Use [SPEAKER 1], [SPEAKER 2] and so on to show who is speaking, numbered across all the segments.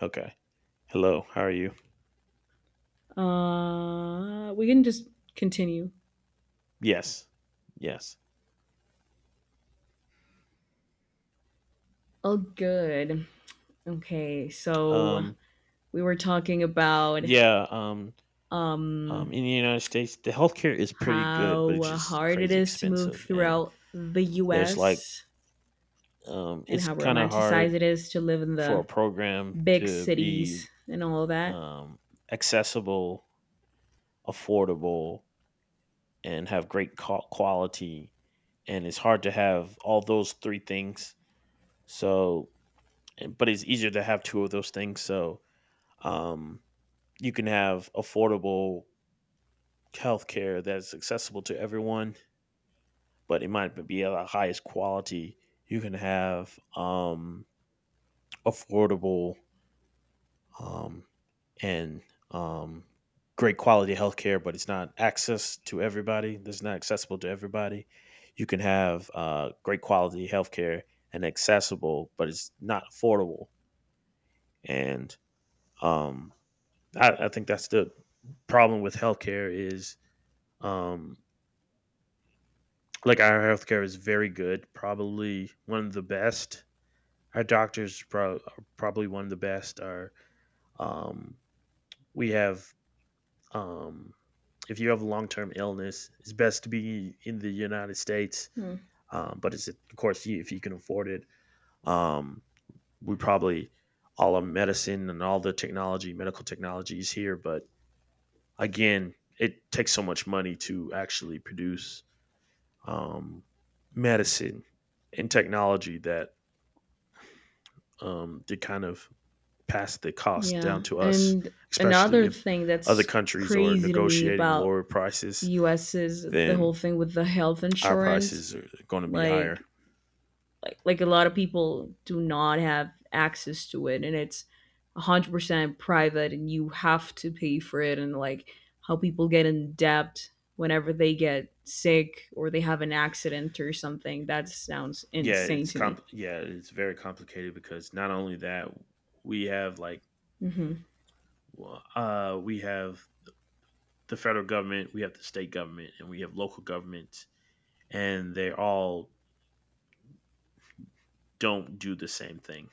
[SPEAKER 1] Okay. Hello. How are you?
[SPEAKER 2] We can just continue.
[SPEAKER 1] Yes. Yes.
[SPEAKER 2] Oh, good. Okay, so
[SPEAKER 1] Um
[SPEAKER 2] we were talking about
[SPEAKER 1] yeah, um
[SPEAKER 2] um
[SPEAKER 1] um, in the United States the healthcare is pretty good, but it's
[SPEAKER 2] how
[SPEAKER 1] just
[SPEAKER 2] hard it
[SPEAKER 1] crazy
[SPEAKER 2] is to move
[SPEAKER 1] expensive and
[SPEAKER 2] throughout the
[SPEAKER 1] there's like
[SPEAKER 2] U.S.
[SPEAKER 1] um
[SPEAKER 2] and
[SPEAKER 1] it's
[SPEAKER 2] how
[SPEAKER 1] kind of
[SPEAKER 2] romanticized
[SPEAKER 1] hard
[SPEAKER 2] it is to live in
[SPEAKER 1] for a
[SPEAKER 2] the
[SPEAKER 1] program
[SPEAKER 2] big
[SPEAKER 1] to be
[SPEAKER 2] cities and all that.
[SPEAKER 1] um accessible, affordable, and have great quality, and it's hard to have all those three things. So but it's easier to have two of those things. So um you can have affordable healthcare that's accessible to everyone, but it might be of the highest quality. You can have affordable, um, and um, great quality healthcare, but it's not access to everybody. That's not accessible to everybody. You can have great quality healthcare and accessible, but it's not affordable. And um, I think that's the problem with healthcare is um, like, our healthcare is very good, probably one of the best. Our doctors are probably one of the best. Our um, we have um, if you have a long term illness, it's best to be in the United States.
[SPEAKER 2] Hmm.
[SPEAKER 1] But it's, of course, you if you can afford it. Um, we probably, all our medicine and all the technology, medical technology is here, but again, it takes so much money to actually produce um, medicine and technology that to kind of pass the cost
[SPEAKER 2] Yeah,
[SPEAKER 1] down to us,
[SPEAKER 2] and
[SPEAKER 1] especially
[SPEAKER 2] another
[SPEAKER 1] if
[SPEAKER 2] thing
[SPEAKER 1] other
[SPEAKER 2] that's
[SPEAKER 1] countries are
[SPEAKER 2] crazy to me
[SPEAKER 1] negotiating
[SPEAKER 2] about
[SPEAKER 1] lower
[SPEAKER 2] the
[SPEAKER 1] prices,
[SPEAKER 2] U.S. is the
[SPEAKER 1] then
[SPEAKER 2] whole thing with the health
[SPEAKER 1] our
[SPEAKER 2] insurance.
[SPEAKER 1] prices are going to be higher.
[SPEAKER 2] Like like a lot of people do not have access to it and it's 100% private and you have to pay for it and like how people get in debt whenever they get sick or they have an accident or something that sounds insane to me.
[SPEAKER 1] Yeah, it's very complicated because, not only that, we have like
[SPEAKER 2] Hmm.
[SPEAKER 1] we have the federal government, we have the state government, and we have local government, and they all don't do the same thing.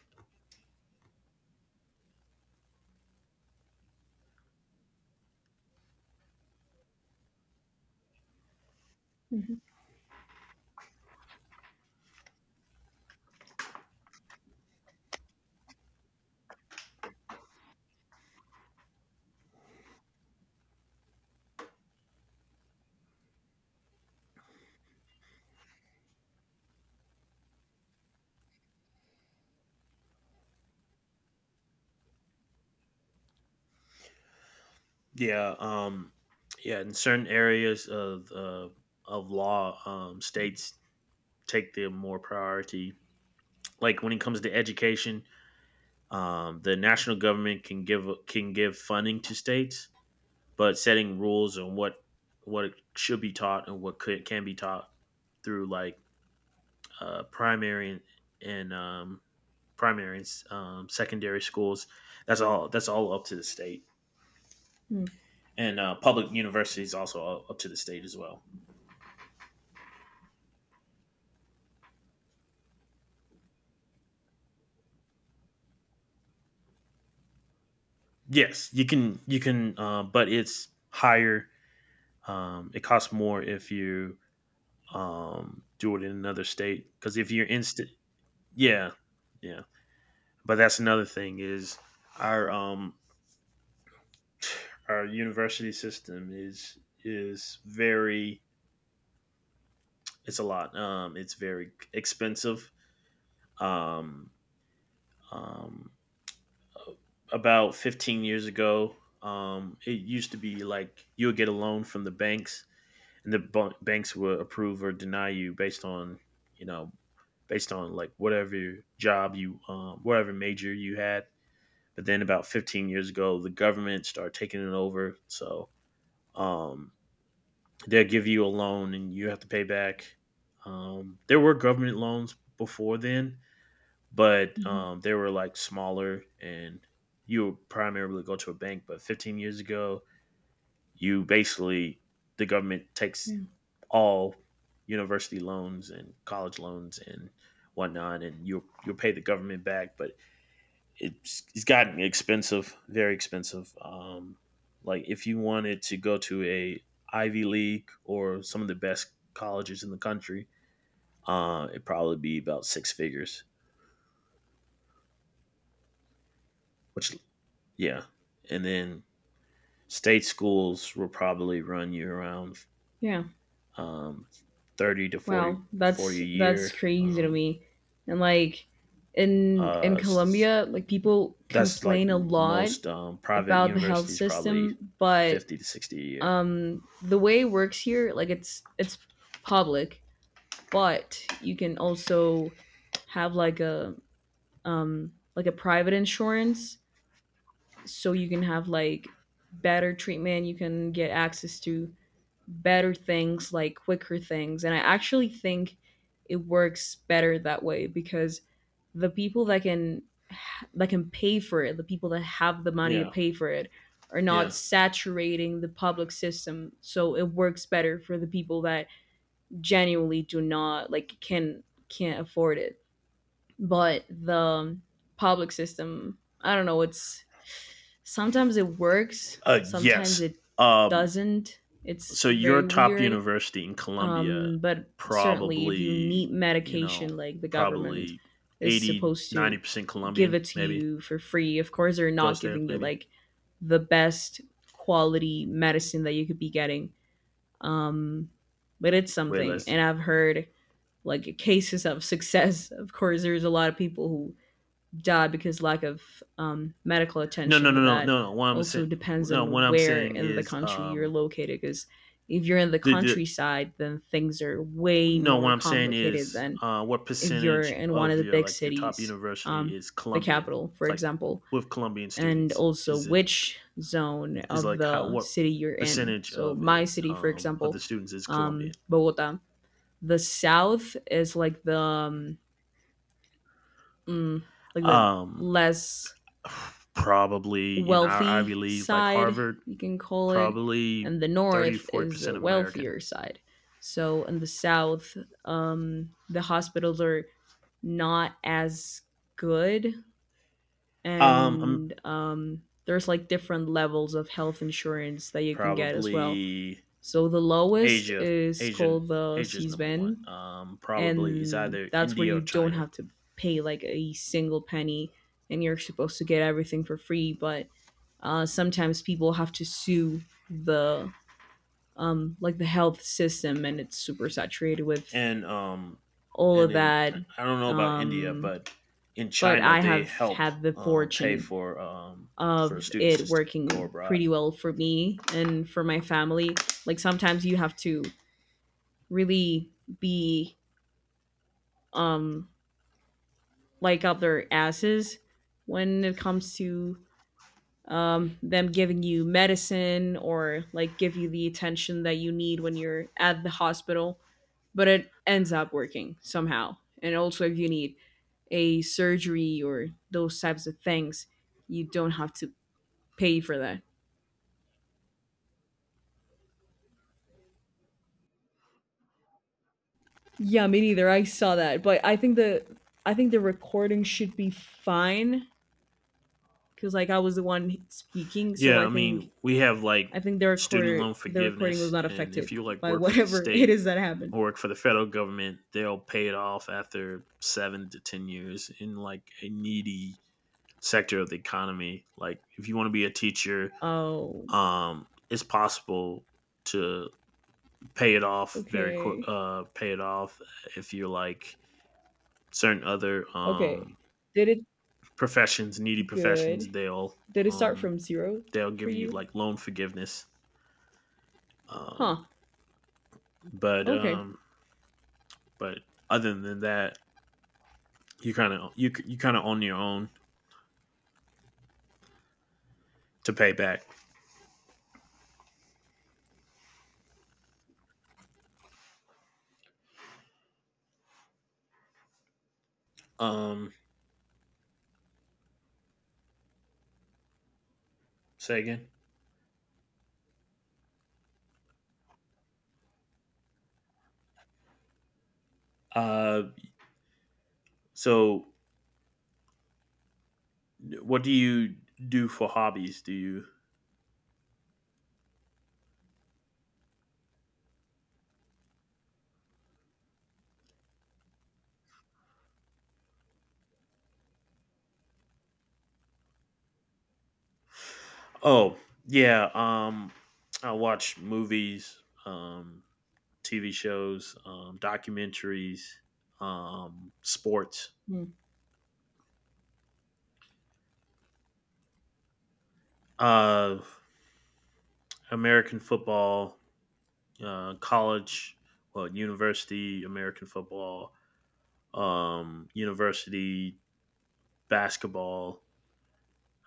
[SPEAKER 2] Hmm.
[SPEAKER 1] Yeah, yeah. In certain areas of law, states take the more priority. Like when it comes to education, the national government can give funding to states, but setting rules on what what should be taught and what could can be taught through like primary and primary and secondary schools. That's all up to the state, and public universities also up to the state as well. Yes, you can. You can, but it's higher. It costs more if you do it in another state. Because if you're instant, yeah, yeah. But that's another thing is our our university system is very, it's a lot. It's very expensive. Um, um, about 15 years ago, it used to be like you would get a loan from the banks and the banks will approve or deny you based on you know, based on like whatever job you whatever major you had, but then about 15 years ago the government started taking it over. So um, they'll give you a loan and you have to pay back. There were government loans before then, but
[SPEAKER 2] Hmm.
[SPEAKER 1] they were like smaller, and you would primarily go to a bank. But 15 years ago you basically, the government takes
[SPEAKER 2] Yeah.
[SPEAKER 1] all university loans and college loans and whatnot, and you'll pay the government back. But it's gotten expensive, very expensive. Like if you wanted to go to a Ivy League or some of the best colleges in the country, it'd probably be about six figures. Which, yeah, and then state schools will probably run you around
[SPEAKER 2] Yeah.
[SPEAKER 1] um, 30 to 40,
[SPEAKER 2] Wow,
[SPEAKER 1] 40
[SPEAKER 2] that's
[SPEAKER 1] a
[SPEAKER 2] that's
[SPEAKER 1] year.
[SPEAKER 2] crazy to me. And like in
[SPEAKER 1] Uh,
[SPEAKER 2] Colombia like people
[SPEAKER 1] that's like
[SPEAKER 2] complain a lot
[SPEAKER 1] most private
[SPEAKER 2] about the health
[SPEAKER 1] universities, probably
[SPEAKER 2] system, but
[SPEAKER 1] 50 to 60 a year.
[SPEAKER 2] the way it works here, like it's public but you can also have like a private insurance, so you can have like better treatment, you can get access to better things, like quicker things, and I actually think it works better that way because the people that can pay for it, the people that have the money to
[SPEAKER 1] Yeah.
[SPEAKER 2] pay for it, are not
[SPEAKER 1] Yeah.
[SPEAKER 2] saturating the public system, so it works better for the people that genuinely do not like can't afford it. But the public system, I don't know, it's sometimes it works, sometimes
[SPEAKER 1] Yes.
[SPEAKER 2] it
[SPEAKER 1] Um,
[SPEAKER 2] doesn't. It's
[SPEAKER 1] so your
[SPEAKER 2] very
[SPEAKER 1] top
[SPEAKER 2] weird.
[SPEAKER 1] university in Columbia,
[SPEAKER 2] But certainly, if you
[SPEAKER 1] probably,
[SPEAKER 2] need
[SPEAKER 1] you
[SPEAKER 2] medication,
[SPEAKER 1] know,
[SPEAKER 2] like the government
[SPEAKER 1] probably
[SPEAKER 2] is
[SPEAKER 1] 80,
[SPEAKER 2] supposed
[SPEAKER 1] ninety
[SPEAKER 2] to
[SPEAKER 1] percent
[SPEAKER 2] give
[SPEAKER 1] Colombian,
[SPEAKER 2] it to
[SPEAKER 1] maybe
[SPEAKER 2] you for free. Of course, they're not
[SPEAKER 1] goes there,
[SPEAKER 2] giving you
[SPEAKER 1] maybe
[SPEAKER 2] like the best quality medicine that you could be getting. Um, but it's
[SPEAKER 1] way
[SPEAKER 2] something.
[SPEAKER 1] less.
[SPEAKER 2] And I've heard like cases of success. Of course, there's a lot of people who die because lack of medical
[SPEAKER 1] No, no,
[SPEAKER 2] attention,
[SPEAKER 1] no,
[SPEAKER 2] but
[SPEAKER 1] no,
[SPEAKER 2] that
[SPEAKER 1] no, no. What I'm
[SPEAKER 2] also
[SPEAKER 1] saying,
[SPEAKER 2] depends
[SPEAKER 1] no, what
[SPEAKER 2] on
[SPEAKER 1] I'm
[SPEAKER 2] where
[SPEAKER 1] saying
[SPEAKER 2] in the
[SPEAKER 1] is,
[SPEAKER 2] country you're located. Because if you're in the
[SPEAKER 1] the
[SPEAKER 2] countryside, then things are way
[SPEAKER 1] No, what
[SPEAKER 2] more
[SPEAKER 1] I'm saying
[SPEAKER 2] complicated
[SPEAKER 1] is,
[SPEAKER 2] than
[SPEAKER 1] what
[SPEAKER 2] if you're
[SPEAKER 1] percentage
[SPEAKER 2] in one of
[SPEAKER 1] of
[SPEAKER 2] the
[SPEAKER 1] your
[SPEAKER 2] big
[SPEAKER 1] like your top
[SPEAKER 2] cities,
[SPEAKER 1] university
[SPEAKER 2] um,
[SPEAKER 1] is
[SPEAKER 2] the
[SPEAKER 1] Colombian,
[SPEAKER 2] capital, for
[SPEAKER 1] like
[SPEAKER 2] example,
[SPEAKER 1] with Colombian
[SPEAKER 2] and
[SPEAKER 1] students?
[SPEAKER 2] also
[SPEAKER 1] Is it,
[SPEAKER 2] which zone
[SPEAKER 1] is
[SPEAKER 2] of
[SPEAKER 1] like how,
[SPEAKER 2] the
[SPEAKER 1] what
[SPEAKER 2] city you're in.
[SPEAKER 1] percentage
[SPEAKER 2] So,
[SPEAKER 1] of
[SPEAKER 2] my
[SPEAKER 1] is
[SPEAKER 2] city, for
[SPEAKER 1] of the
[SPEAKER 2] example,
[SPEAKER 1] students is Colombian?
[SPEAKER 2] Bogota, the south is like mm, the
[SPEAKER 1] Um,
[SPEAKER 2] less
[SPEAKER 1] probably in our Ivy
[SPEAKER 2] wealthy
[SPEAKER 1] League, like
[SPEAKER 2] side,
[SPEAKER 1] Harvard,
[SPEAKER 2] you can call it,
[SPEAKER 1] probably
[SPEAKER 2] and the
[SPEAKER 1] 30
[SPEAKER 2] north
[SPEAKER 1] 40
[SPEAKER 2] is a
[SPEAKER 1] percent American.
[SPEAKER 2] wealthier side. So in the south, the hospitals are not as good,
[SPEAKER 1] Um, um,
[SPEAKER 2] and there's like different levels of health insurance that you can get as well.
[SPEAKER 1] probably
[SPEAKER 2] So the lowest
[SPEAKER 1] Asia,
[SPEAKER 2] is
[SPEAKER 1] Asian,
[SPEAKER 2] called the
[SPEAKER 1] Asia's number
[SPEAKER 2] CSBEN,
[SPEAKER 1] one. Probably is
[SPEAKER 2] and
[SPEAKER 1] either
[SPEAKER 2] that's where
[SPEAKER 1] India or
[SPEAKER 2] you don't
[SPEAKER 1] China.
[SPEAKER 2] have to pay like a single penny, and you're supposed to get everything for free, but sometimes people have to sue the like the health system, and it's super saturated with
[SPEAKER 1] And
[SPEAKER 2] all
[SPEAKER 1] and
[SPEAKER 2] of
[SPEAKER 1] in,
[SPEAKER 2] that.
[SPEAKER 1] I don't know about India,
[SPEAKER 2] Um,
[SPEAKER 1] but in
[SPEAKER 2] but
[SPEAKER 1] China
[SPEAKER 2] I
[SPEAKER 1] they
[SPEAKER 2] have
[SPEAKER 1] help
[SPEAKER 2] had the
[SPEAKER 1] pay
[SPEAKER 2] fortune
[SPEAKER 1] for
[SPEAKER 2] of
[SPEAKER 1] students to
[SPEAKER 2] it
[SPEAKER 1] go
[SPEAKER 2] working
[SPEAKER 1] abroad.
[SPEAKER 2] pretty well for me and for my family. Like sometimes you have to really be um like up their asses when it comes to them giving you medicine or like give you the attention that you need when you're at the hospital, but it ends up working somehow. And also, if you need a surgery or those types of things, you don't have to pay for that. Yeah, me neither. I saw that, but I think the recording should be fine because like I was the one speaking, so
[SPEAKER 1] Yeah,
[SPEAKER 2] I
[SPEAKER 1] I
[SPEAKER 2] think
[SPEAKER 1] mean we have like
[SPEAKER 2] I think the
[SPEAKER 1] student
[SPEAKER 2] recorder
[SPEAKER 1] loan
[SPEAKER 2] the recording was
[SPEAKER 1] forgiveness,
[SPEAKER 2] not
[SPEAKER 1] and if
[SPEAKER 2] affected
[SPEAKER 1] you like
[SPEAKER 2] by
[SPEAKER 1] work for the
[SPEAKER 2] whatever it
[SPEAKER 1] state
[SPEAKER 2] is that happened.
[SPEAKER 1] or work for the federal government, they'll pay it off after 7 to 10 years in like a needy sector of the economy. Like if you want to be a teacher,
[SPEAKER 2] Oh.
[SPEAKER 1] it's possible to pay it off very quick
[SPEAKER 2] Okay.
[SPEAKER 1] pay it off if you're like certain other
[SPEAKER 2] Okay. Did it
[SPEAKER 1] professions, needy professions,
[SPEAKER 2] good. Did it start
[SPEAKER 1] um
[SPEAKER 2] from 0
[SPEAKER 1] they'll
[SPEAKER 2] for
[SPEAKER 1] give you
[SPEAKER 2] you?
[SPEAKER 1] like loan forgiveness. um
[SPEAKER 2] Huh.
[SPEAKER 1] but
[SPEAKER 2] Okay.
[SPEAKER 1] um but, other than that, you kind of, you kind of on your own to pay back. um Say again? uh so what do you do for hobbies? Do you, oh, yeah, I watch movies, TV shows, documentaries, sports,
[SPEAKER 2] Mhm.
[SPEAKER 1] uh, American football, uh, college, university American football, university basketball.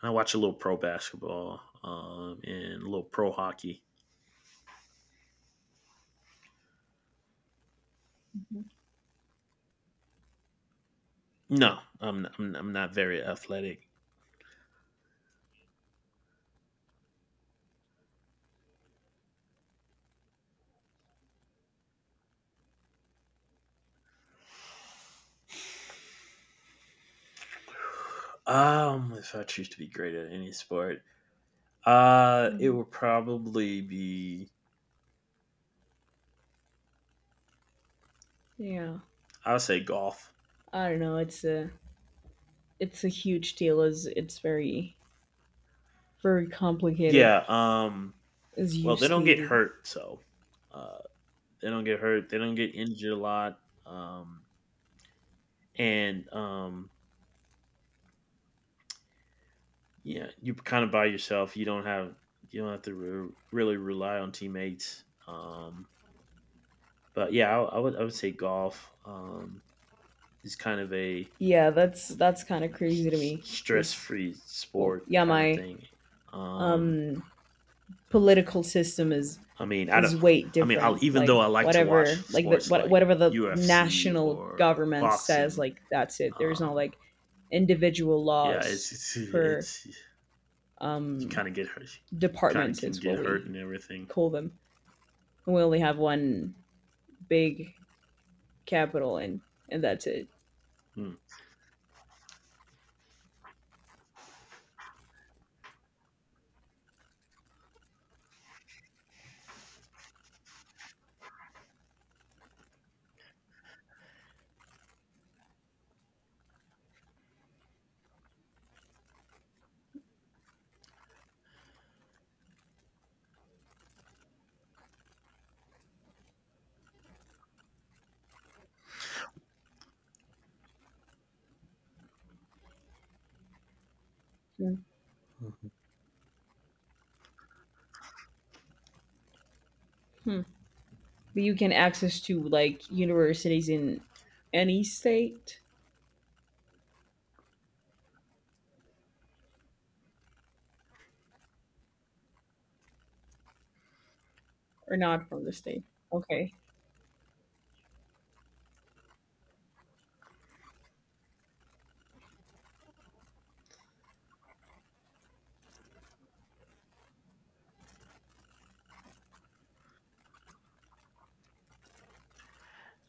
[SPEAKER 1] I watch a little pro basketball, and a little pro hockey. No, I'm not very athletic. If I choose to be great at any sport, it
[SPEAKER 2] Mhm.
[SPEAKER 1] would probably be,
[SPEAKER 2] Yeah.
[SPEAKER 1] I would say, golf.
[SPEAKER 2] I don't know, it's a huge deal as it's very, very complicated
[SPEAKER 1] Yeah.
[SPEAKER 2] as you
[SPEAKER 1] Well, they don't get
[SPEAKER 2] stated.
[SPEAKER 1] hurt, so uh, they don't get hurt. they don't get injured a lot, um, and yeah, you kind of by yourself. You don't have to really rely on teammates. But yeah, I would say golf is kind of a
[SPEAKER 2] Yeah, that's kinda crazy to me.
[SPEAKER 1] stress
[SPEAKER 2] Cause
[SPEAKER 1] free
[SPEAKER 2] well,
[SPEAKER 1] sport
[SPEAKER 2] yeah,
[SPEAKER 1] kind of
[SPEAKER 2] my,
[SPEAKER 1] thing. Um,
[SPEAKER 2] um political system is
[SPEAKER 1] I mean, I don't.
[SPEAKER 2] is way
[SPEAKER 1] I mean, I'll,
[SPEAKER 2] different.
[SPEAKER 1] even though
[SPEAKER 2] Like
[SPEAKER 1] I like to watch
[SPEAKER 2] whatever, like
[SPEAKER 1] sports like
[SPEAKER 2] whatever the
[SPEAKER 1] UFC
[SPEAKER 2] national
[SPEAKER 1] or
[SPEAKER 2] government says,
[SPEAKER 1] boxing,
[SPEAKER 2] like that's it. There's no
[SPEAKER 1] um,
[SPEAKER 2] like individual
[SPEAKER 1] yeah,
[SPEAKER 2] laws
[SPEAKER 1] it's
[SPEAKER 2] per
[SPEAKER 1] it's you
[SPEAKER 2] um,
[SPEAKER 1] kind of get hurt, kind of
[SPEAKER 2] departments.
[SPEAKER 1] can
[SPEAKER 2] It's
[SPEAKER 1] get
[SPEAKER 2] what
[SPEAKER 1] hurt
[SPEAKER 2] we
[SPEAKER 1] and everything.
[SPEAKER 2] call them. And we only have one big capital, and that's it.
[SPEAKER 1] Hmm.
[SPEAKER 2] Yeah.
[SPEAKER 1] Mhm.
[SPEAKER 2] Hmm. But you can access to like universities in any state or not from the state. Okay.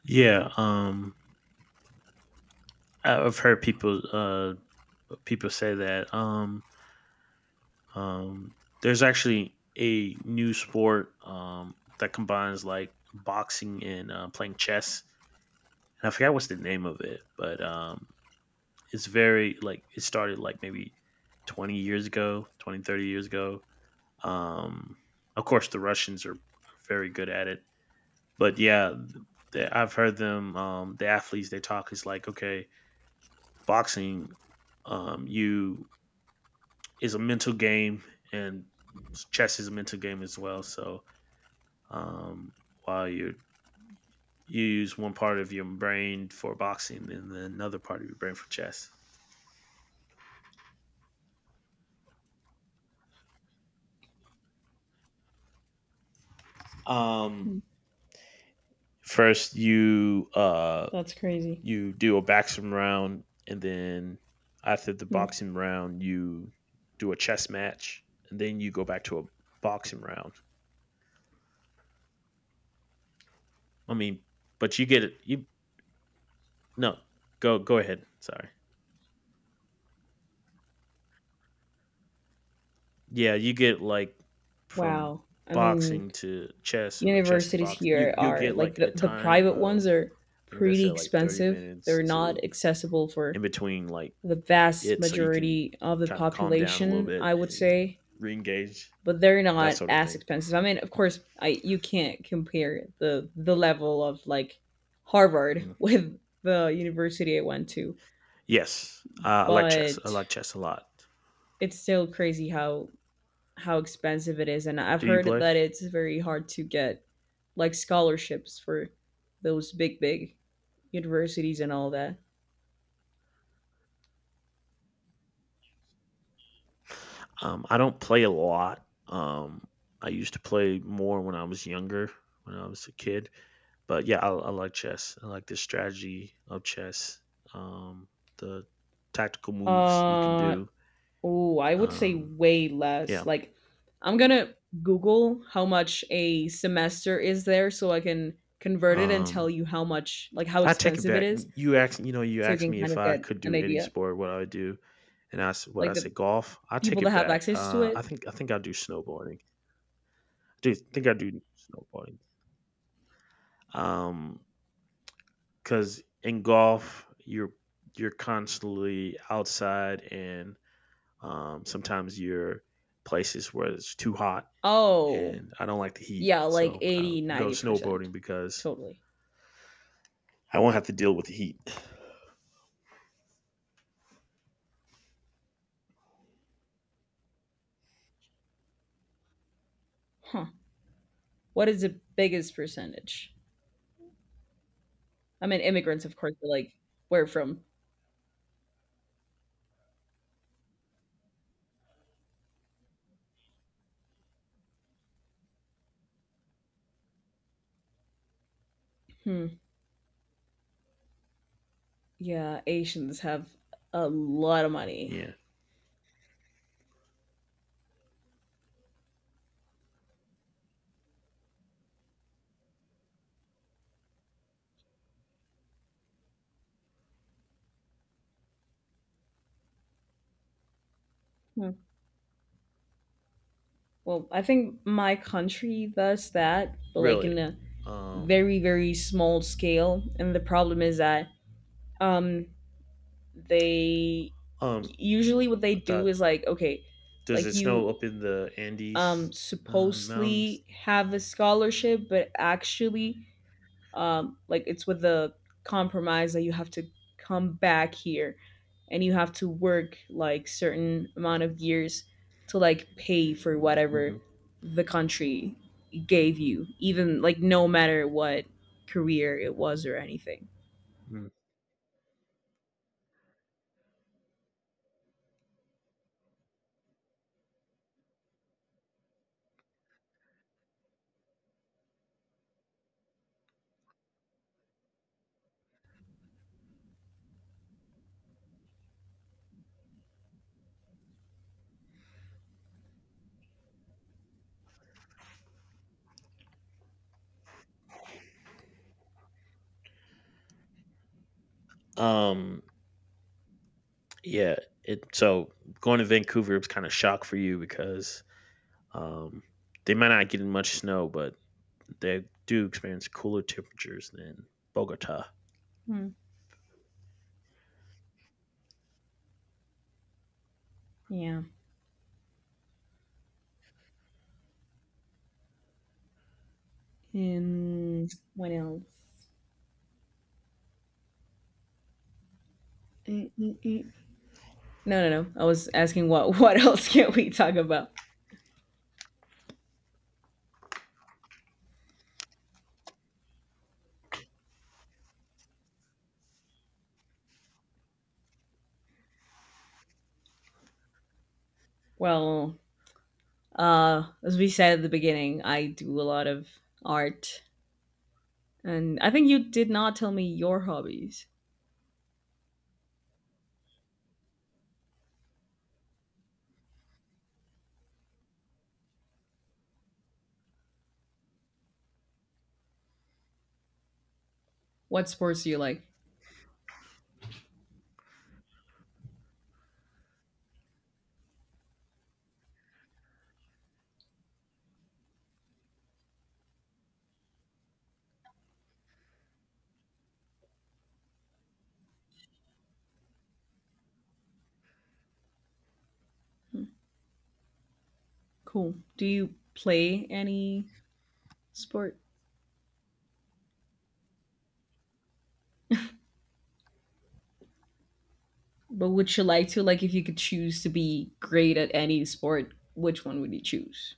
[SPEAKER 1] Yeah, have heard people people say that. Um, there's actually a new sport that combines like boxing and playing chess, and I forgot what's the name of it, but it's very like it started like maybe 20 years ago, 20, 30 years ago. Um, of course, the Russians are very good at it. But yeah, I've heard them. The athletes they talk is like, okay, boxing, you is a mental game, and chess is a mental game as well. So um, while you use one part of your brain for boxing and then another part of your brain for chess. Um,
[SPEAKER 2] Hmm.
[SPEAKER 1] first you
[SPEAKER 2] That's crazy.
[SPEAKER 1] you do a boxing round, and then after the
[SPEAKER 2] Hmm.
[SPEAKER 1] boxing round you do a chess match, and then you go back to a boxing round. I mean, but you get it. You, no, go go ahead. Sorry. Yeah, you get like from
[SPEAKER 2] Wow. I mean,
[SPEAKER 1] boxing to chess or chess to
[SPEAKER 2] universities
[SPEAKER 1] boxing.
[SPEAKER 2] here
[SPEAKER 1] You
[SPEAKER 2] are
[SPEAKER 1] get
[SPEAKER 2] like
[SPEAKER 1] like a
[SPEAKER 2] the
[SPEAKER 1] time
[SPEAKER 2] private ones
[SPEAKER 1] of,
[SPEAKER 2] are
[SPEAKER 1] I think they
[SPEAKER 2] pretty
[SPEAKER 1] said like thirty
[SPEAKER 2] expensive.
[SPEAKER 1] minutes
[SPEAKER 2] They're
[SPEAKER 1] to
[SPEAKER 2] not accessible
[SPEAKER 1] in
[SPEAKER 2] for
[SPEAKER 1] between like
[SPEAKER 2] the vast
[SPEAKER 1] it, so you can
[SPEAKER 2] majority of the
[SPEAKER 1] kind of calm down a little
[SPEAKER 2] population,
[SPEAKER 1] bit
[SPEAKER 2] I would
[SPEAKER 1] and
[SPEAKER 2] say,
[SPEAKER 1] re-engage
[SPEAKER 2] but they're
[SPEAKER 1] that
[SPEAKER 2] not
[SPEAKER 1] sort of
[SPEAKER 2] as
[SPEAKER 1] thing.
[SPEAKER 2] expensive. I mean, of course, I you can't compare the level of like Harvard
[SPEAKER 1] Mm.
[SPEAKER 2] with the university I went to,
[SPEAKER 1] Yes, I like chess. I
[SPEAKER 2] but
[SPEAKER 1] like chess a lot.
[SPEAKER 2] it's still crazy how expensive it is, and I've
[SPEAKER 1] Do you
[SPEAKER 2] heard
[SPEAKER 1] play?
[SPEAKER 2] that it's very hard to get like scholarships for those big big universities and all that.
[SPEAKER 1] I don't play a lot. I used to play more when I was younger, when I was a kid. But yeah, I like chess. I like the strategy of chess, um, the tactical moves you can
[SPEAKER 2] Uh
[SPEAKER 1] do.
[SPEAKER 2] oh, I would say
[SPEAKER 1] Um,
[SPEAKER 2] way less.
[SPEAKER 1] yeah,
[SPEAKER 2] Like I'm gonna Google how much a semester is there so I can convert it and tell
[SPEAKER 1] um,
[SPEAKER 2] you how much, like how
[SPEAKER 1] I take it
[SPEAKER 2] expensive it
[SPEAKER 1] back.
[SPEAKER 2] is,
[SPEAKER 1] You asked, you know, you
[SPEAKER 2] so you
[SPEAKER 1] asked
[SPEAKER 2] can
[SPEAKER 1] me
[SPEAKER 2] kind
[SPEAKER 1] if
[SPEAKER 2] of
[SPEAKER 1] I
[SPEAKER 2] get
[SPEAKER 1] could
[SPEAKER 2] an
[SPEAKER 1] do any
[SPEAKER 2] idea.
[SPEAKER 1] sport, what I would do, and what
[SPEAKER 2] Like
[SPEAKER 1] I
[SPEAKER 2] the
[SPEAKER 1] say golf. I take
[SPEAKER 2] people that
[SPEAKER 1] it
[SPEAKER 2] have
[SPEAKER 1] back.
[SPEAKER 2] access to it.
[SPEAKER 1] I think I do snowboarding. I do snowboarding. Um, because in golf, you're constantly outside, and sometimes you're places where it's too hot,
[SPEAKER 2] Oh,
[SPEAKER 1] and I don't like the heat,
[SPEAKER 2] yeah, like
[SPEAKER 1] so I'll
[SPEAKER 2] 80,
[SPEAKER 1] go
[SPEAKER 2] 90%.
[SPEAKER 1] snowboarding because
[SPEAKER 2] Totally.
[SPEAKER 1] I won't have to deal with the heat.
[SPEAKER 2] Huh. What is the biggest percentage? I mean, immigrants, of course, but like where from? Hmm. Yeah, Asians have a lot of money.
[SPEAKER 1] Yeah,
[SPEAKER 2] Hmm. Well, I think my country does that, but like
[SPEAKER 1] really.
[SPEAKER 2] in a
[SPEAKER 1] Um,
[SPEAKER 2] very, very small scale. And the problem is that um, they
[SPEAKER 1] um,
[SPEAKER 2] usually what they
[SPEAKER 1] I
[SPEAKER 2] do
[SPEAKER 1] thought,
[SPEAKER 2] is like, okay,
[SPEAKER 1] does
[SPEAKER 2] like
[SPEAKER 1] it
[SPEAKER 2] you
[SPEAKER 1] snow up in the Andes mountains?
[SPEAKER 2] supposedly have a scholarship, but actually like it's with the compromise that you have to come back here and you have to work like certain amount of years to like pay for whatever
[SPEAKER 1] hmm
[SPEAKER 2] the country gave you, even like no matter what career it was or anything.
[SPEAKER 1] Um, yeah. It so Going to Vancouver was kind of shock for you because um, they might not get much snow, but they do experience cooler temperatures than Bogota.
[SPEAKER 2] Hmm. Yeah, and what else? Mm, mm, mm. No, no, no, I was asking what else can we talk about. Well, as we said at the beginning I do a lot of art. And I think you did not tell me your hobbies. What sports do you like? Cool. Do you play any sport? But would you like to? Like, if you could choose to be great at any sport, which one would you choose?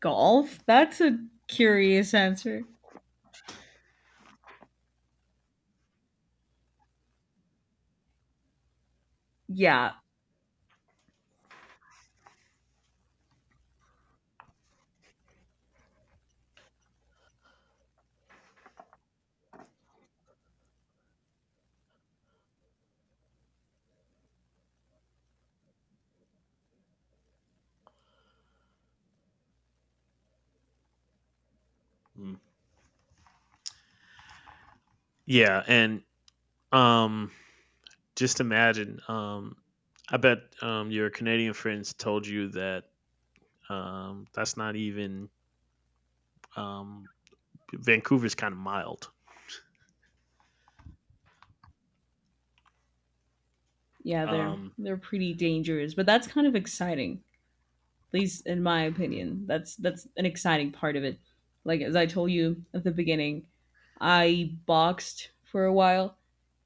[SPEAKER 2] Golf? That's a curious answer. Yeah.
[SPEAKER 1] Mm. Yeah, and um, just imagine. I bet your Canadian friends told you that that's not even um, Vancouver's kind of mild.
[SPEAKER 2] Yeah, they're
[SPEAKER 1] Um,
[SPEAKER 2] they're pretty dangerous, but that's kind of exciting. At least in my opinion. That's an exciting part of it. Like as I told you at the beginning, I boxed for a while,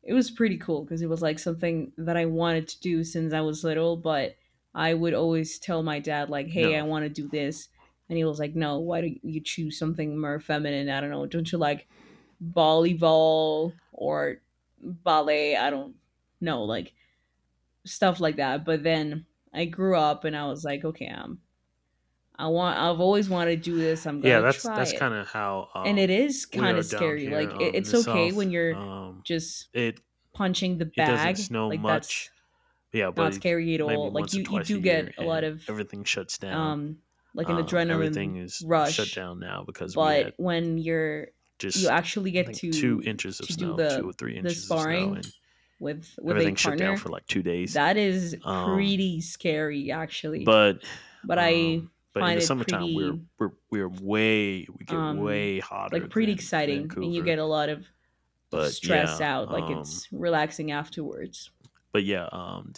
[SPEAKER 2] it was pretty cool because it was like something that I wanted to do since I was little, but I would always tell my dad like, "Hey, I
[SPEAKER 1] no,
[SPEAKER 2] want to do this." And he was like, "No, why don't you choose something more feminine? I don't know. Don't you like volleyball or ballet? I don't know, like stuff like that." But then I grew up and I was like, "Okay, I've always wanted to do this. I'm
[SPEAKER 1] yeah,
[SPEAKER 2] going to try
[SPEAKER 1] that's
[SPEAKER 2] it."
[SPEAKER 1] kind of how
[SPEAKER 2] And it is
[SPEAKER 1] we
[SPEAKER 2] kind
[SPEAKER 1] are
[SPEAKER 2] of
[SPEAKER 1] down
[SPEAKER 2] scary.
[SPEAKER 1] here
[SPEAKER 2] Like it,
[SPEAKER 1] in
[SPEAKER 2] it's
[SPEAKER 1] the
[SPEAKER 2] okay
[SPEAKER 1] south.
[SPEAKER 2] when you're just
[SPEAKER 1] It
[SPEAKER 2] punching the
[SPEAKER 1] it doesn't
[SPEAKER 2] bag.
[SPEAKER 1] snow
[SPEAKER 2] Like
[SPEAKER 1] much,
[SPEAKER 2] that's
[SPEAKER 1] yeah, but
[SPEAKER 2] not
[SPEAKER 1] it,
[SPEAKER 2] scary at
[SPEAKER 1] maybe
[SPEAKER 2] all. Like
[SPEAKER 1] once or
[SPEAKER 2] you
[SPEAKER 1] twice a
[SPEAKER 2] do
[SPEAKER 1] year,
[SPEAKER 2] get a lot
[SPEAKER 1] and
[SPEAKER 2] of
[SPEAKER 1] everything shuts down.
[SPEAKER 2] um like an
[SPEAKER 1] Everything
[SPEAKER 2] adrenaline
[SPEAKER 1] is shut
[SPEAKER 2] rush,
[SPEAKER 1] down now because we had
[SPEAKER 2] but when you
[SPEAKER 1] just,
[SPEAKER 2] actually
[SPEAKER 1] I
[SPEAKER 2] get
[SPEAKER 1] think, two
[SPEAKER 2] to
[SPEAKER 1] inches of
[SPEAKER 2] to do
[SPEAKER 1] snow, two
[SPEAKER 2] the
[SPEAKER 1] or three
[SPEAKER 2] the
[SPEAKER 1] inches of snow,
[SPEAKER 2] sparring
[SPEAKER 1] and
[SPEAKER 2] with a
[SPEAKER 1] everything shut down
[SPEAKER 2] partner,
[SPEAKER 1] for like 2 days.
[SPEAKER 2] that is
[SPEAKER 1] Um,
[SPEAKER 2] pretty scary actually.
[SPEAKER 1] but
[SPEAKER 2] But I
[SPEAKER 1] but in
[SPEAKER 2] find
[SPEAKER 1] the
[SPEAKER 2] it
[SPEAKER 1] summertime,
[SPEAKER 2] pretty
[SPEAKER 1] we get
[SPEAKER 2] um
[SPEAKER 1] way hotter
[SPEAKER 2] like pretty
[SPEAKER 1] than
[SPEAKER 2] exciting and you
[SPEAKER 1] Vancouver.
[SPEAKER 2] get a lot of
[SPEAKER 1] But
[SPEAKER 2] stress
[SPEAKER 1] yeah,
[SPEAKER 2] out, like it's relaxing afterwards.
[SPEAKER 1] but yeah, um,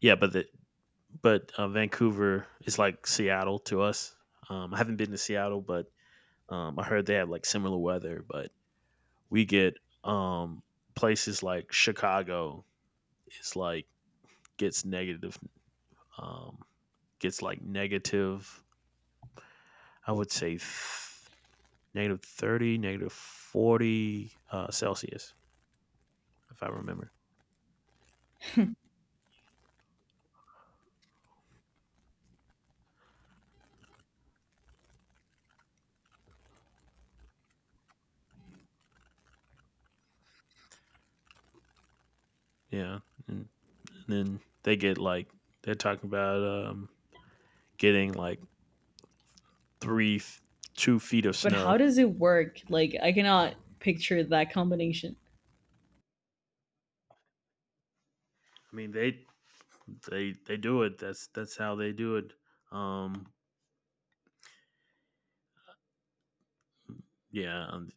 [SPEAKER 1] yeah, but the but Vancouver is like Seattle to us. I haven't been to Seattle, but I heard they have like similar weather. But we get um, places like Chicago is like gets negative um, gets like negative, I would say negative 30, negative 40 Celsius, if I remember. Yeah. And then they get like, they're talking about getting like three, 2 feet of
[SPEAKER 2] But how
[SPEAKER 1] snow.
[SPEAKER 2] does it work? Like I cannot picture that combination.
[SPEAKER 1] I mean, they do it. That's how they do it. Um, yeah. um,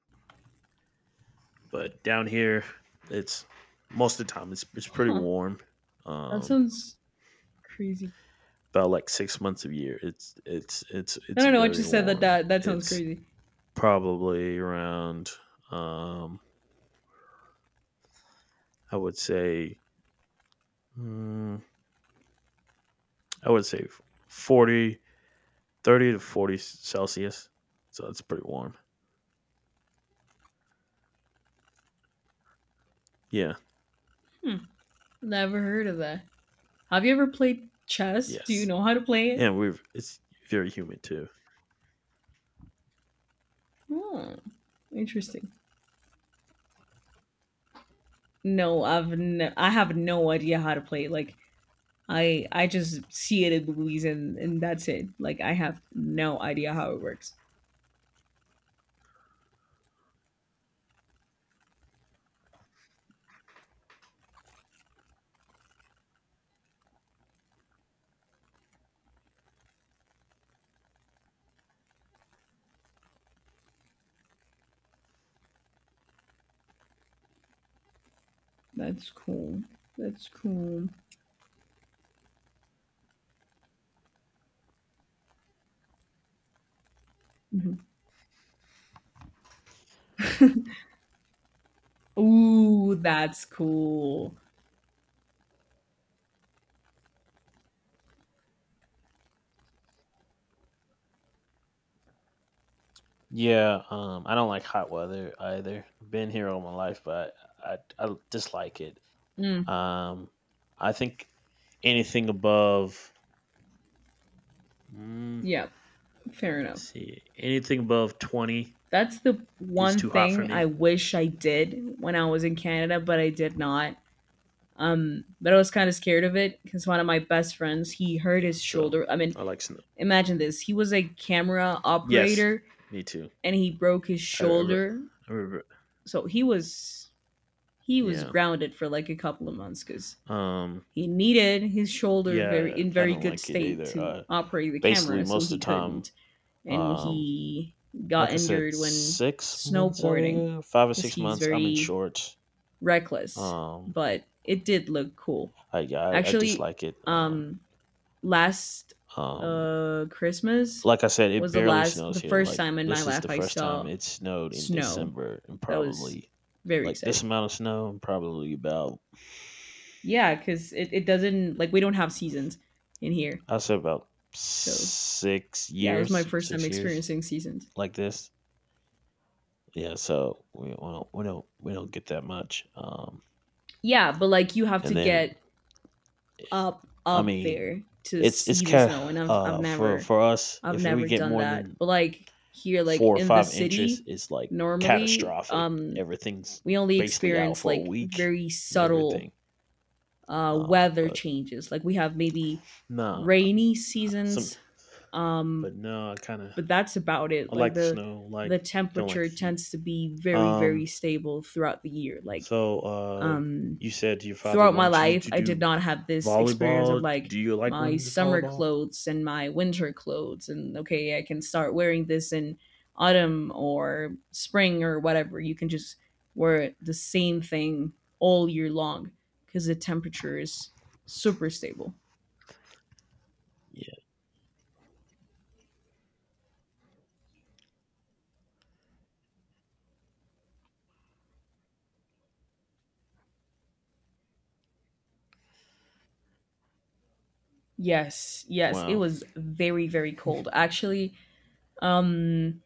[SPEAKER 1] But down here, it's most of the time, it's pretty
[SPEAKER 2] Huh.
[SPEAKER 1] warm.
[SPEAKER 2] That
[SPEAKER 1] Um,
[SPEAKER 2] sounds crazy.
[SPEAKER 1] about like 6 months of year,
[SPEAKER 2] I
[SPEAKER 1] it's
[SPEAKER 2] don't know. I
[SPEAKER 1] very
[SPEAKER 2] just said that.
[SPEAKER 1] warm.
[SPEAKER 2] That sounds crazy.
[SPEAKER 1] Probably around, um, I would say, mm, I would say 40, 30 to 40 Celsius. So it's pretty warm. Yeah.
[SPEAKER 2] Hmm. Never heard of that. Have you ever played chess? Do you
[SPEAKER 1] Yes.
[SPEAKER 2] know how to play it?
[SPEAKER 1] It's very humid too.
[SPEAKER 2] Hmm. Interesting. I have no idea how to play. Like I just see it in movies and that's it. Like I have no idea how it works. That's cool. That's cool. Mhm. Ooh, that's cool.
[SPEAKER 1] Yeah. I don't like hot weather either. I've been here all my life, but I dislike it.
[SPEAKER 2] Mm,
[SPEAKER 1] Um, I think anything above, mm,
[SPEAKER 2] yeah, fair
[SPEAKER 1] let's
[SPEAKER 2] enough.
[SPEAKER 1] see, anything above 20
[SPEAKER 2] That's the
[SPEAKER 1] is
[SPEAKER 2] one
[SPEAKER 1] too hot for
[SPEAKER 2] thing I
[SPEAKER 1] me.
[SPEAKER 2] wish I did when I was in Canada, but I did not. But I was kind of scared of it because one of my best friends, he hurt
[SPEAKER 1] Yeah.
[SPEAKER 2] his
[SPEAKER 1] So
[SPEAKER 2] shoulder. I mean,
[SPEAKER 1] I like snow.
[SPEAKER 2] imagine this. He was a camera
[SPEAKER 1] Yes,
[SPEAKER 2] operator
[SPEAKER 1] me too.
[SPEAKER 2] and he broke his
[SPEAKER 1] I, I, re-
[SPEAKER 2] shoulder.
[SPEAKER 1] I remember.
[SPEAKER 2] So he was
[SPEAKER 1] Yeah.
[SPEAKER 2] grounded for like a couple of months because
[SPEAKER 1] Um.
[SPEAKER 2] he needed his shoulder very
[SPEAKER 1] Yeah,
[SPEAKER 2] in
[SPEAKER 1] I
[SPEAKER 2] very
[SPEAKER 1] don't
[SPEAKER 2] good
[SPEAKER 1] like it
[SPEAKER 2] state
[SPEAKER 1] either.
[SPEAKER 2] to operate the
[SPEAKER 1] Basically,
[SPEAKER 2] camera, so
[SPEAKER 1] most
[SPEAKER 2] he
[SPEAKER 1] of the time,
[SPEAKER 2] couldn't. And
[SPEAKER 1] um,
[SPEAKER 2] he got
[SPEAKER 1] like I said,
[SPEAKER 2] injured when
[SPEAKER 1] 6 months out of the
[SPEAKER 2] snowboarding
[SPEAKER 1] year, five or
[SPEAKER 2] because
[SPEAKER 1] six
[SPEAKER 2] he's
[SPEAKER 1] months, I'm in
[SPEAKER 2] very
[SPEAKER 1] shorts.
[SPEAKER 2] reckless,
[SPEAKER 1] Um,
[SPEAKER 2] but it did look cool.
[SPEAKER 1] I
[SPEAKER 2] Actually,
[SPEAKER 1] dislike it. Um,
[SPEAKER 2] um, last
[SPEAKER 1] um,
[SPEAKER 2] Christmas
[SPEAKER 1] like I said, it
[SPEAKER 2] was
[SPEAKER 1] barely snows
[SPEAKER 2] the
[SPEAKER 1] here.
[SPEAKER 2] first
[SPEAKER 1] Like
[SPEAKER 2] time in my
[SPEAKER 1] this is
[SPEAKER 2] life
[SPEAKER 1] the
[SPEAKER 2] I
[SPEAKER 1] first time
[SPEAKER 2] saw
[SPEAKER 1] it snowed in
[SPEAKER 2] snow.
[SPEAKER 1] December, and
[SPEAKER 2] That was
[SPEAKER 1] probably
[SPEAKER 2] very
[SPEAKER 1] like this
[SPEAKER 2] exciting.
[SPEAKER 1] amount of snow, in probably about
[SPEAKER 2] Yeah, because it doesn't like we don't have seasons in here,
[SPEAKER 1] I say about
[SPEAKER 2] so
[SPEAKER 1] six
[SPEAKER 2] yeah, it was my
[SPEAKER 1] years,
[SPEAKER 2] first time
[SPEAKER 1] 6 years.
[SPEAKER 2] experiencing seasons.
[SPEAKER 1] Like this. Yeah, so we don't get that much.
[SPEAKER 2] Yeah, but like you have
[SPEAKER 1] And
[SPEAKER 2] to
[SPEAKER 1] then
[SPEAKER 2] get
[SPEAKER 1] I
[SPEAKER 2] up
[SPEAKER 1] mean,
[SPEAKER 2] there to
[SPEAKER 1] it's
[SPEAKER 2] see the
[SPEAKER 1] kind
[SPEAKER 2] snow, and
[SPEAKER 1] of
[SPEAKER 2] I've I've
[SPEAKER 1] for
[SPEAKER 2] never
[SPEAKER 1] us
[SPEAKER 2] I've
[SPEAKER 1] if we
[SPEAKER 2] never
[SPEAKER 1] get
[SPEAKER 2] done
[SPEAKER 1] more
[SPEAKER 2] that.
[SPEAKER 1] than
[SPEAKER 2] But like here, like
[SPEAKER 1] four or
[SPEAKER 2] in the
[SPEAKER 1] five inches,
[SPEAKER 2] city
[SPEAKER 1] it's like
[SPEAKER 2] normally
[SPEAKER 1] catastrophic. Everything's
[SPEAKER 2] we only
[SPEAKER 1] basically out
[SPEAKER 2] experience
[SPEAKER 1] for a
[SPEAKER 2] like
[SPEAKER 1] week
[SPEAKER 2] very
[SPEAKER 1] and
[SPEAKER 2] subtle
[SPEAKER 1] everything. Um,
[SPEAKER 2] weather
[SPEAKER 1] but
[SPEAKER 2] changes. Like we have maybe
[SPEAKER 1] no,
[SPEAKER 2] rainy
[SPEAKER 1] nah, some
[SPEAKER 2] seasons
[SPEAKER 1] but
[SPEAKER 2] um
[SPEAKER 1] no, I kind of,
[SPEAKER 2] but that's about it.
[SPEAKER 1] I like
[SPEAKER 2] Like
[SPEAKER 1] the
[SPEAKER 2] the
[SPEAKER 1] snow. Like
[SPEAKER 2] the
[SPEAKER 1] I don't like the
[SPEAKER 2] temperature
[SPEAKER 1] heat.
[SPEAKER 2] tends to be very,
[SPEAKER 1] Um,
[SPEAKER 2] very stable throughout the year. Like
[SPEAKER 1] so
[SPEAKER 2] um
[SPEAKER 1] you said your father
[SPEAKER 2] throughout my
[SPEAKER 1] wants you
[SPEAKER 2] life,
[SPEAKER 1] to
[SPEAKER 2] I did
[SPEAKER 1] do
[SPEAKER 2] not have this experience of
[SPEAKER 1] volleyball.
[SPEAKER 2] like
[SPEAKER 1] Do you like
[SPEAKER 2] my
[SPEAKER 1] women's
[SPEAKER 2] summer
[SPEAKER 1] volleyball?
[SPEAKER 2] clothes and my winter clothes, and okay, I can start wearing this in autumn or spring or whatever. You can just wear the same thing all year long because the temperature is super stable.
[SPEAKER 1] Yeah.
[SPEAKER 2] Yes, yes, it
[SPEAKER 1] Wow.
[SPEAKER 2] was very, very cold. Actually, um,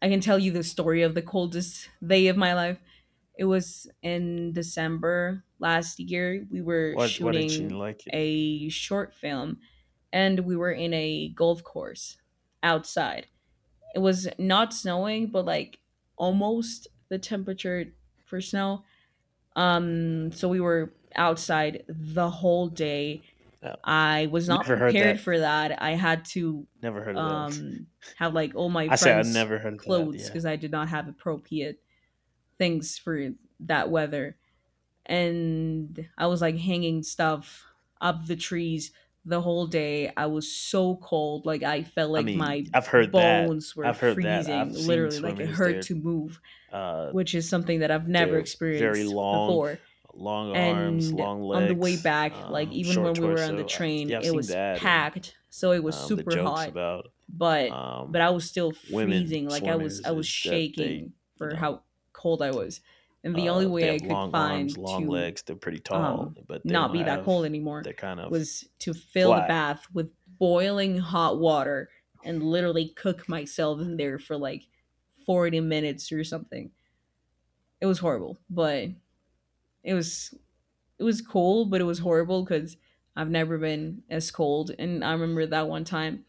[SPEAKER 2] I can tell you the story of the coldest day of my life. It was in December last year. We were
[SPEAKER 1] Why didn't you
[SPEAKER 2] shooting
[SPEAKER 1] like it?
[SPEAKER 2] a short film and we were in a golf course outside. It was not snowing, but like almost the temperature for snow. So we were outside the whole day.
[SPEAKER 1] Uh,
[SPEAKER 2] I was not
[SPEAKER 1] never heard
[SPEAKER 2] prepared
[SPEAKER 1] that.
[SPEAKER 2] for that. I had to
[SPEAKER 1] Never heard of that.
[SPEAKER 2] um, have like all my
[SPEAKER 1] I said I
[SPEAKER 2] friends'
[SPEAKER 1] never heard of that.
[SPEAKER 2] clothes
[SPEAKER 1] Yeah.
[SPEAKER 2] because I did not have appropriate things for that weather, and I was like hanging stuff up the trees the whole day. I was so cold, like I felt
[SPEAKER 1] I
[SPEAKER 2] like
[SPEAKER 1] mean,
[SPEAKER 2] my
[SPEAKER 1] I've heard that.
[SPEAKER 2] bones were
[SPEAKER 1] I've heard that. I've
[SPEAKER 2] freezing,
[SPEAKER 1] seen
[SPEAKER 2] literally like it
[SPEAKER 1] swimmers.
[SPEAKER 2] hurt to move,
[SPEAKER 1] Uh,
[SPEAKER 2] which is something that I've never
[SPEAKER 1] they're very
[SPEAKER 2] experienced
[SPEAKER 1] long,
[SPEAKER 2] before.
[SPEAKER 1] long arms,
[SPEAKER 2] And
[SPEAKER 1] long
[SPEAKER 2] on the way
[SPEAKER 1] legs,
[SPEAKER 2] back, like even
[SPEAKER 1] short
[SPEAKER 2] when we were on the
[SPEAKER 1] torso.
[SPEAKER 2] train,
[SPEAKER 1] Yeah, I've
[SPEAKER 2] it
[SPEAKER 1] seen
[SPEAKER 2] was
[SPEAKER 1] that, and
[SPEAKER 2] packed, so it was
[SPEAKER 1] the
[SPEAKER 2] super
[SPEAKER 1] jokes
[SPEAKER 2] hot,
[SPEAKER 1] about
[SPEAKER 2] but but
[SPEAKER 1] um,
[SPEAKER 2] I was still
[SPEAKER 1] women
[SPEAKER 2] freezing, like I was
[SPEAKER 1] swimmers
[SPEAKER 2] I was
[SPEAKER 1] is that
[SPEAKER 2] shaking
[SPEAKER 1] you
[SPEAKER 2] for
[SPEAKER 1] know,
[SPEAKER 2] how cold I was. And the only
[SPEAKER 1] uh, they
[SPEAKER 2] way I
[SPEAKER 1] have
[SPEAKER 2] could
[SPEAKER 1] long arms,
[SPEAKER 2] find
[SPEAKER 1] long
[SPEAKER 2] to
[SPEAKER 1] legs. They're pretty tall,
[SPEAKER 2] um,
[SPEAKER 1] but they
[SPEAKER 2] not
[SPEAKER 1] don't
[SPEAKER 2] be that cold
[SPEAKER 1] have.
[SPEAKER 2] anymore
[SPEAKER 1] They're kind of
[SPEAKER 2] was to fill the
[SPEAKER 1] flat.
[SPEAKER 2] bath with boiling hot water and literally cook myself in there for like 40 minutes or something. It was horrible, but it was it was cool, but it was horrible cuz I've never been as cold, and I remember that one time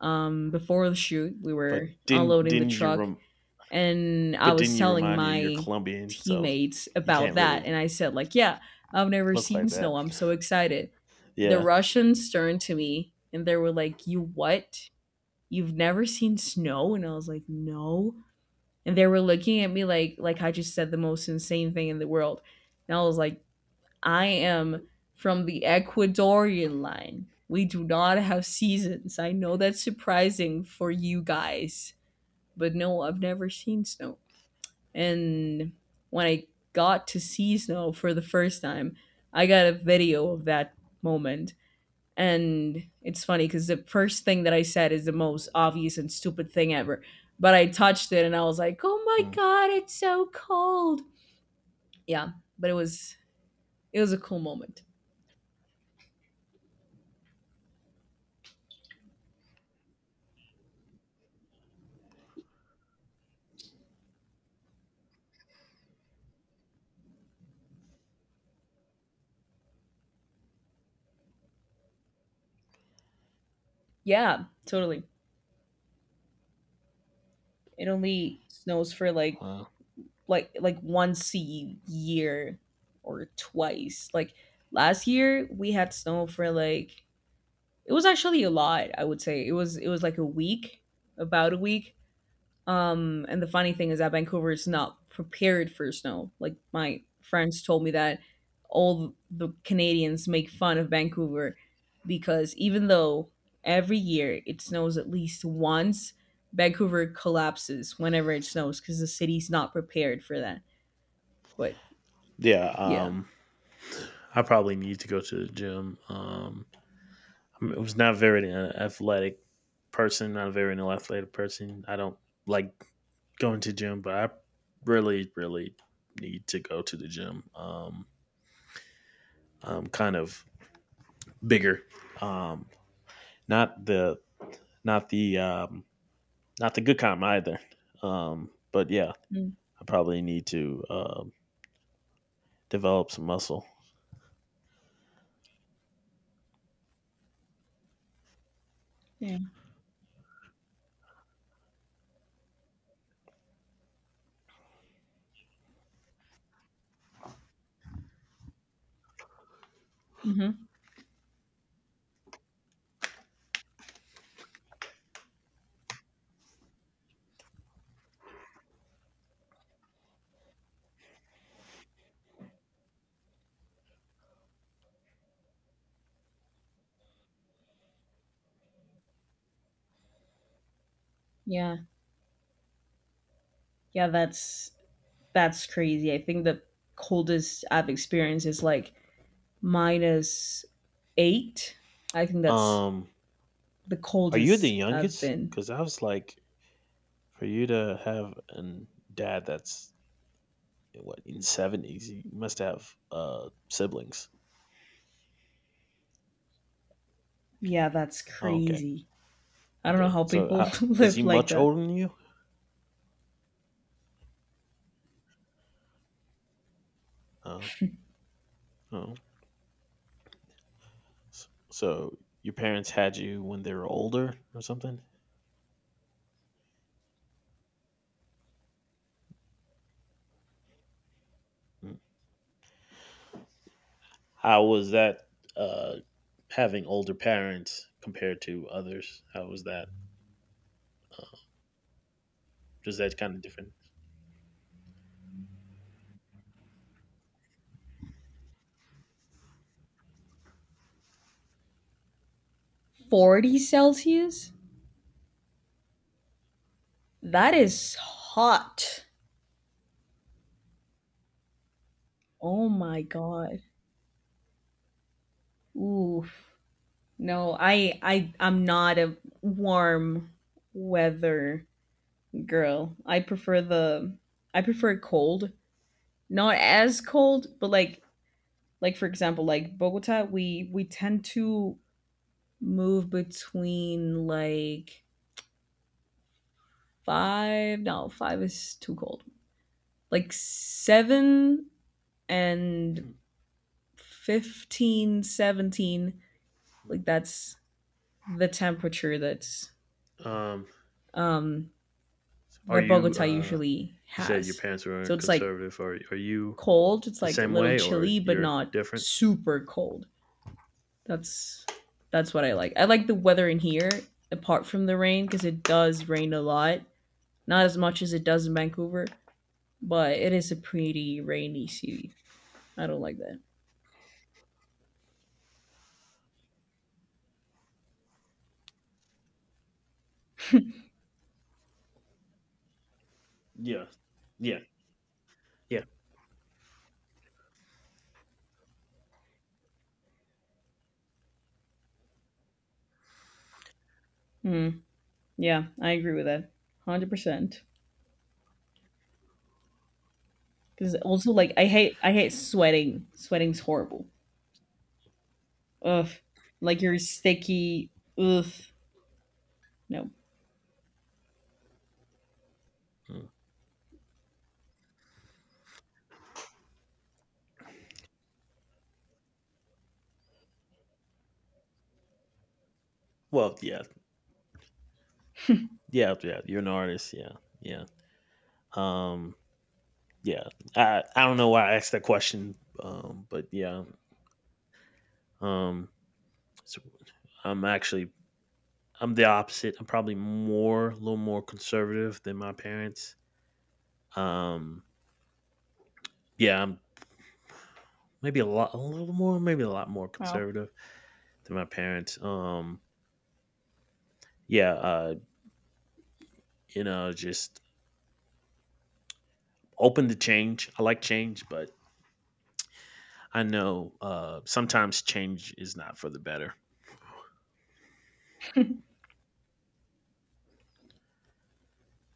[SPEAKER 2] before the shoot we were
[SPEAKER 1] But didn't
[SPEAKER 2] unloading the
[SPEAKER 1] didn't you?
[SPEAKER 2] truck
[SPEAKER 1] Rem-
[SPEAKER 2] and I
[SPEAKER 1] but
[SPEAKER 2] was
[SPEAKER 1] didn't you
[SPEAKER 2] telling
[SPEAKER 1] remind you you're
[SPEAKER 2] my
[SPEAKER 1] Colombian, so
[SPEAKER 2] teammates
[SPEAKER 1] you
[SPEAKER 2] about
[SPEAKER 1] can't
[SPEAKER 2] that,
[SPEAKER 1] really
[SPEAKER 2] and I said like, "Yeah, I've never
[SPEAKER 1] look like
[SPEAKER 2] seen
[SPEAKER 1] that.
[SPEAKER 2] snow. I'm so excited." The
[SPEAKER 1] Yeah.
[SPEAKER 2] Russians turned to me and they were like, "You what? You've never seen snow?" And I was like, "No." And they were looking at me like I just said the most insane thing in the world. And I was like, "I am from the Ecuadorian line. We do not have seasons. I know that's surprising for you guys, but no, I've never seen snow." And when I got to see snow for the first time, I got a video of that moment. And it's funny because the first thing that I said is the most obvious and stupid thing ever. But I touched it and I was like, oh my
[SPEAKER 1] Hmm.
[SPEAKER 2] God, it's so cold. Yeah, but it was a cool moment. Yeah, totally. It only snows for like
[SPEAKER 1] Wow.
[SPEAKER 2] like once a year or twice. Like last year we had snow for like it was actually a lot I would say it was like a week, about a week. And the funny thing is that Vancouver is not prepared for snow. Like my friends told me that all the Canadians make fun of Vancouver because even though every year it snows at least once, Vancouver collapses whenever it snows because the city's not prepared for that, but
[SPEAKER 1] Yeah.
[SPEAKER 2] yeah.
[SPEAKER 1] I probably need to go to the gym. I was not very an athletic person. Not a very an athletic person. I don't like going to gym, but I really, really need to go to the gym. I'm kind of bigger. Um, not the not the um, not the good kind either. But yeah,
[SPEAKER 2] Mm,
[SPEAKER 1] I probably need to develop some muscle.
[SPEAKER 2] yeah. Hmm. Yeah. Yeah, that's crazy. I think the coldest I've experienced is like -8. I think that's
[SPEAKER 1] Um,
[SPEAKER 2] the
[SPEAKER 1] are you the
[SPEAKER 2] coldest I've
[SPEAKER 1] youngest?
[SPEAKER 2] been.
[SPEAKER 1] Because I was like, for you to have a dad that's what in seventies, you must have siblings.
[SPEAKER 2] Yeah, that's
[SPEAKER 1] Oh, okay,
[SPEAKER 2] crazy. I don't know
[SPEAKER 1] okay.
[SPEAKER 2] how
[SPEAKER 1] So
[SPEAKER 2] people
[SPEAKER 1] how is he
[SPEAKER 2] live like
[SPEAKER 1] much
[SPEAKER 2] that.
[SPEAKER 1] older than you? Oh, oh. So your parents had you when they were older or something? Hmm. How was that uh, having older parents compared to others? How was that? Was that kind of different?
[SPEAKER 2] 40 Celsius? That is hot. Oh my god. Ooh. No, I'm not a warm weather girl. I prefer the I prefer cold. Not as cold, but like for example like Bogota, we tend to move between like five, no, five is too cold, like seven and fifteen, 17. Like that's the temperature
[SPEAKER 1] Hmm.
[SPEAKER 2] um
[SPEAKER 1] Are
[SPEAKER 2] that
[SPEAKER 1] you?
[SPEAKER 2] Bogota usually
[SPEAKER 1] You said your
[SPEAKER 2] has.
[SPEAKER 1] parents were
[SPEAKER 2] So it's like
[SPEAKER 1] conservative. Are you
[SPEAKER 2] cold, it's
[SPEAKER 1] the
[SPEAKER 2] like a
[SPEAKER 1] same
[SPEAKER 2] little
[SPEAKER 1] way, or
[SPEAKER 2] chilly but
[SPEAKER 1] you're
[SPEAKER 2] not
[SPEAKER 1] different?
[SPEAKER 2] super cold. That's that's what I like. I like the weather in here, apart from the rain, because it does rain a lot. Not as much as it does in Vancouver, but it is a pretty rainy city. I don't like that.
[SPEAKER 1] Yeah, yeah, yeah.
[SPEAKER 2] Mm, yeah, I agree with that, 100%. Because also, like, I hate sweating. Sweating's horrible. Ugh, like you're sticky. Ugh, no.
[SPEAKER 1] Mm. Well, yeah, yeah, yeah. You're an artist. Yeah, yeah. Um, yeah. I don't know why I asked that question. But yeah. Um, so I'm actually I'm the opposite. I'm probably more, a little more conservative than my parents. Um, yeah, I'm maybe a lot, a little more, maybe a lot more
[SPEAKER 2] Wow.
[SPEAKER 1] conservative than my parents. Yeah, you know, just open to change. I like change, but I know sometimes change is not for the better.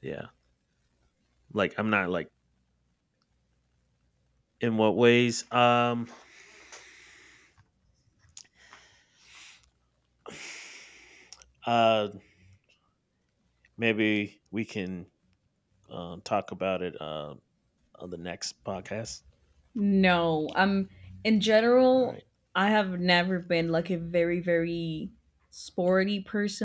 [SPEAKER 1] Yeah, like I'm not like in what ways. Uh, maybe we can talk about it on the next podcast.
[SPEAKER 2] No, in
[SPEAKER 1] All
[SPEAKER 2] general,
[SPEAKER 1] right.
[SPEAKER 2] I have never been like a very, very sporty person.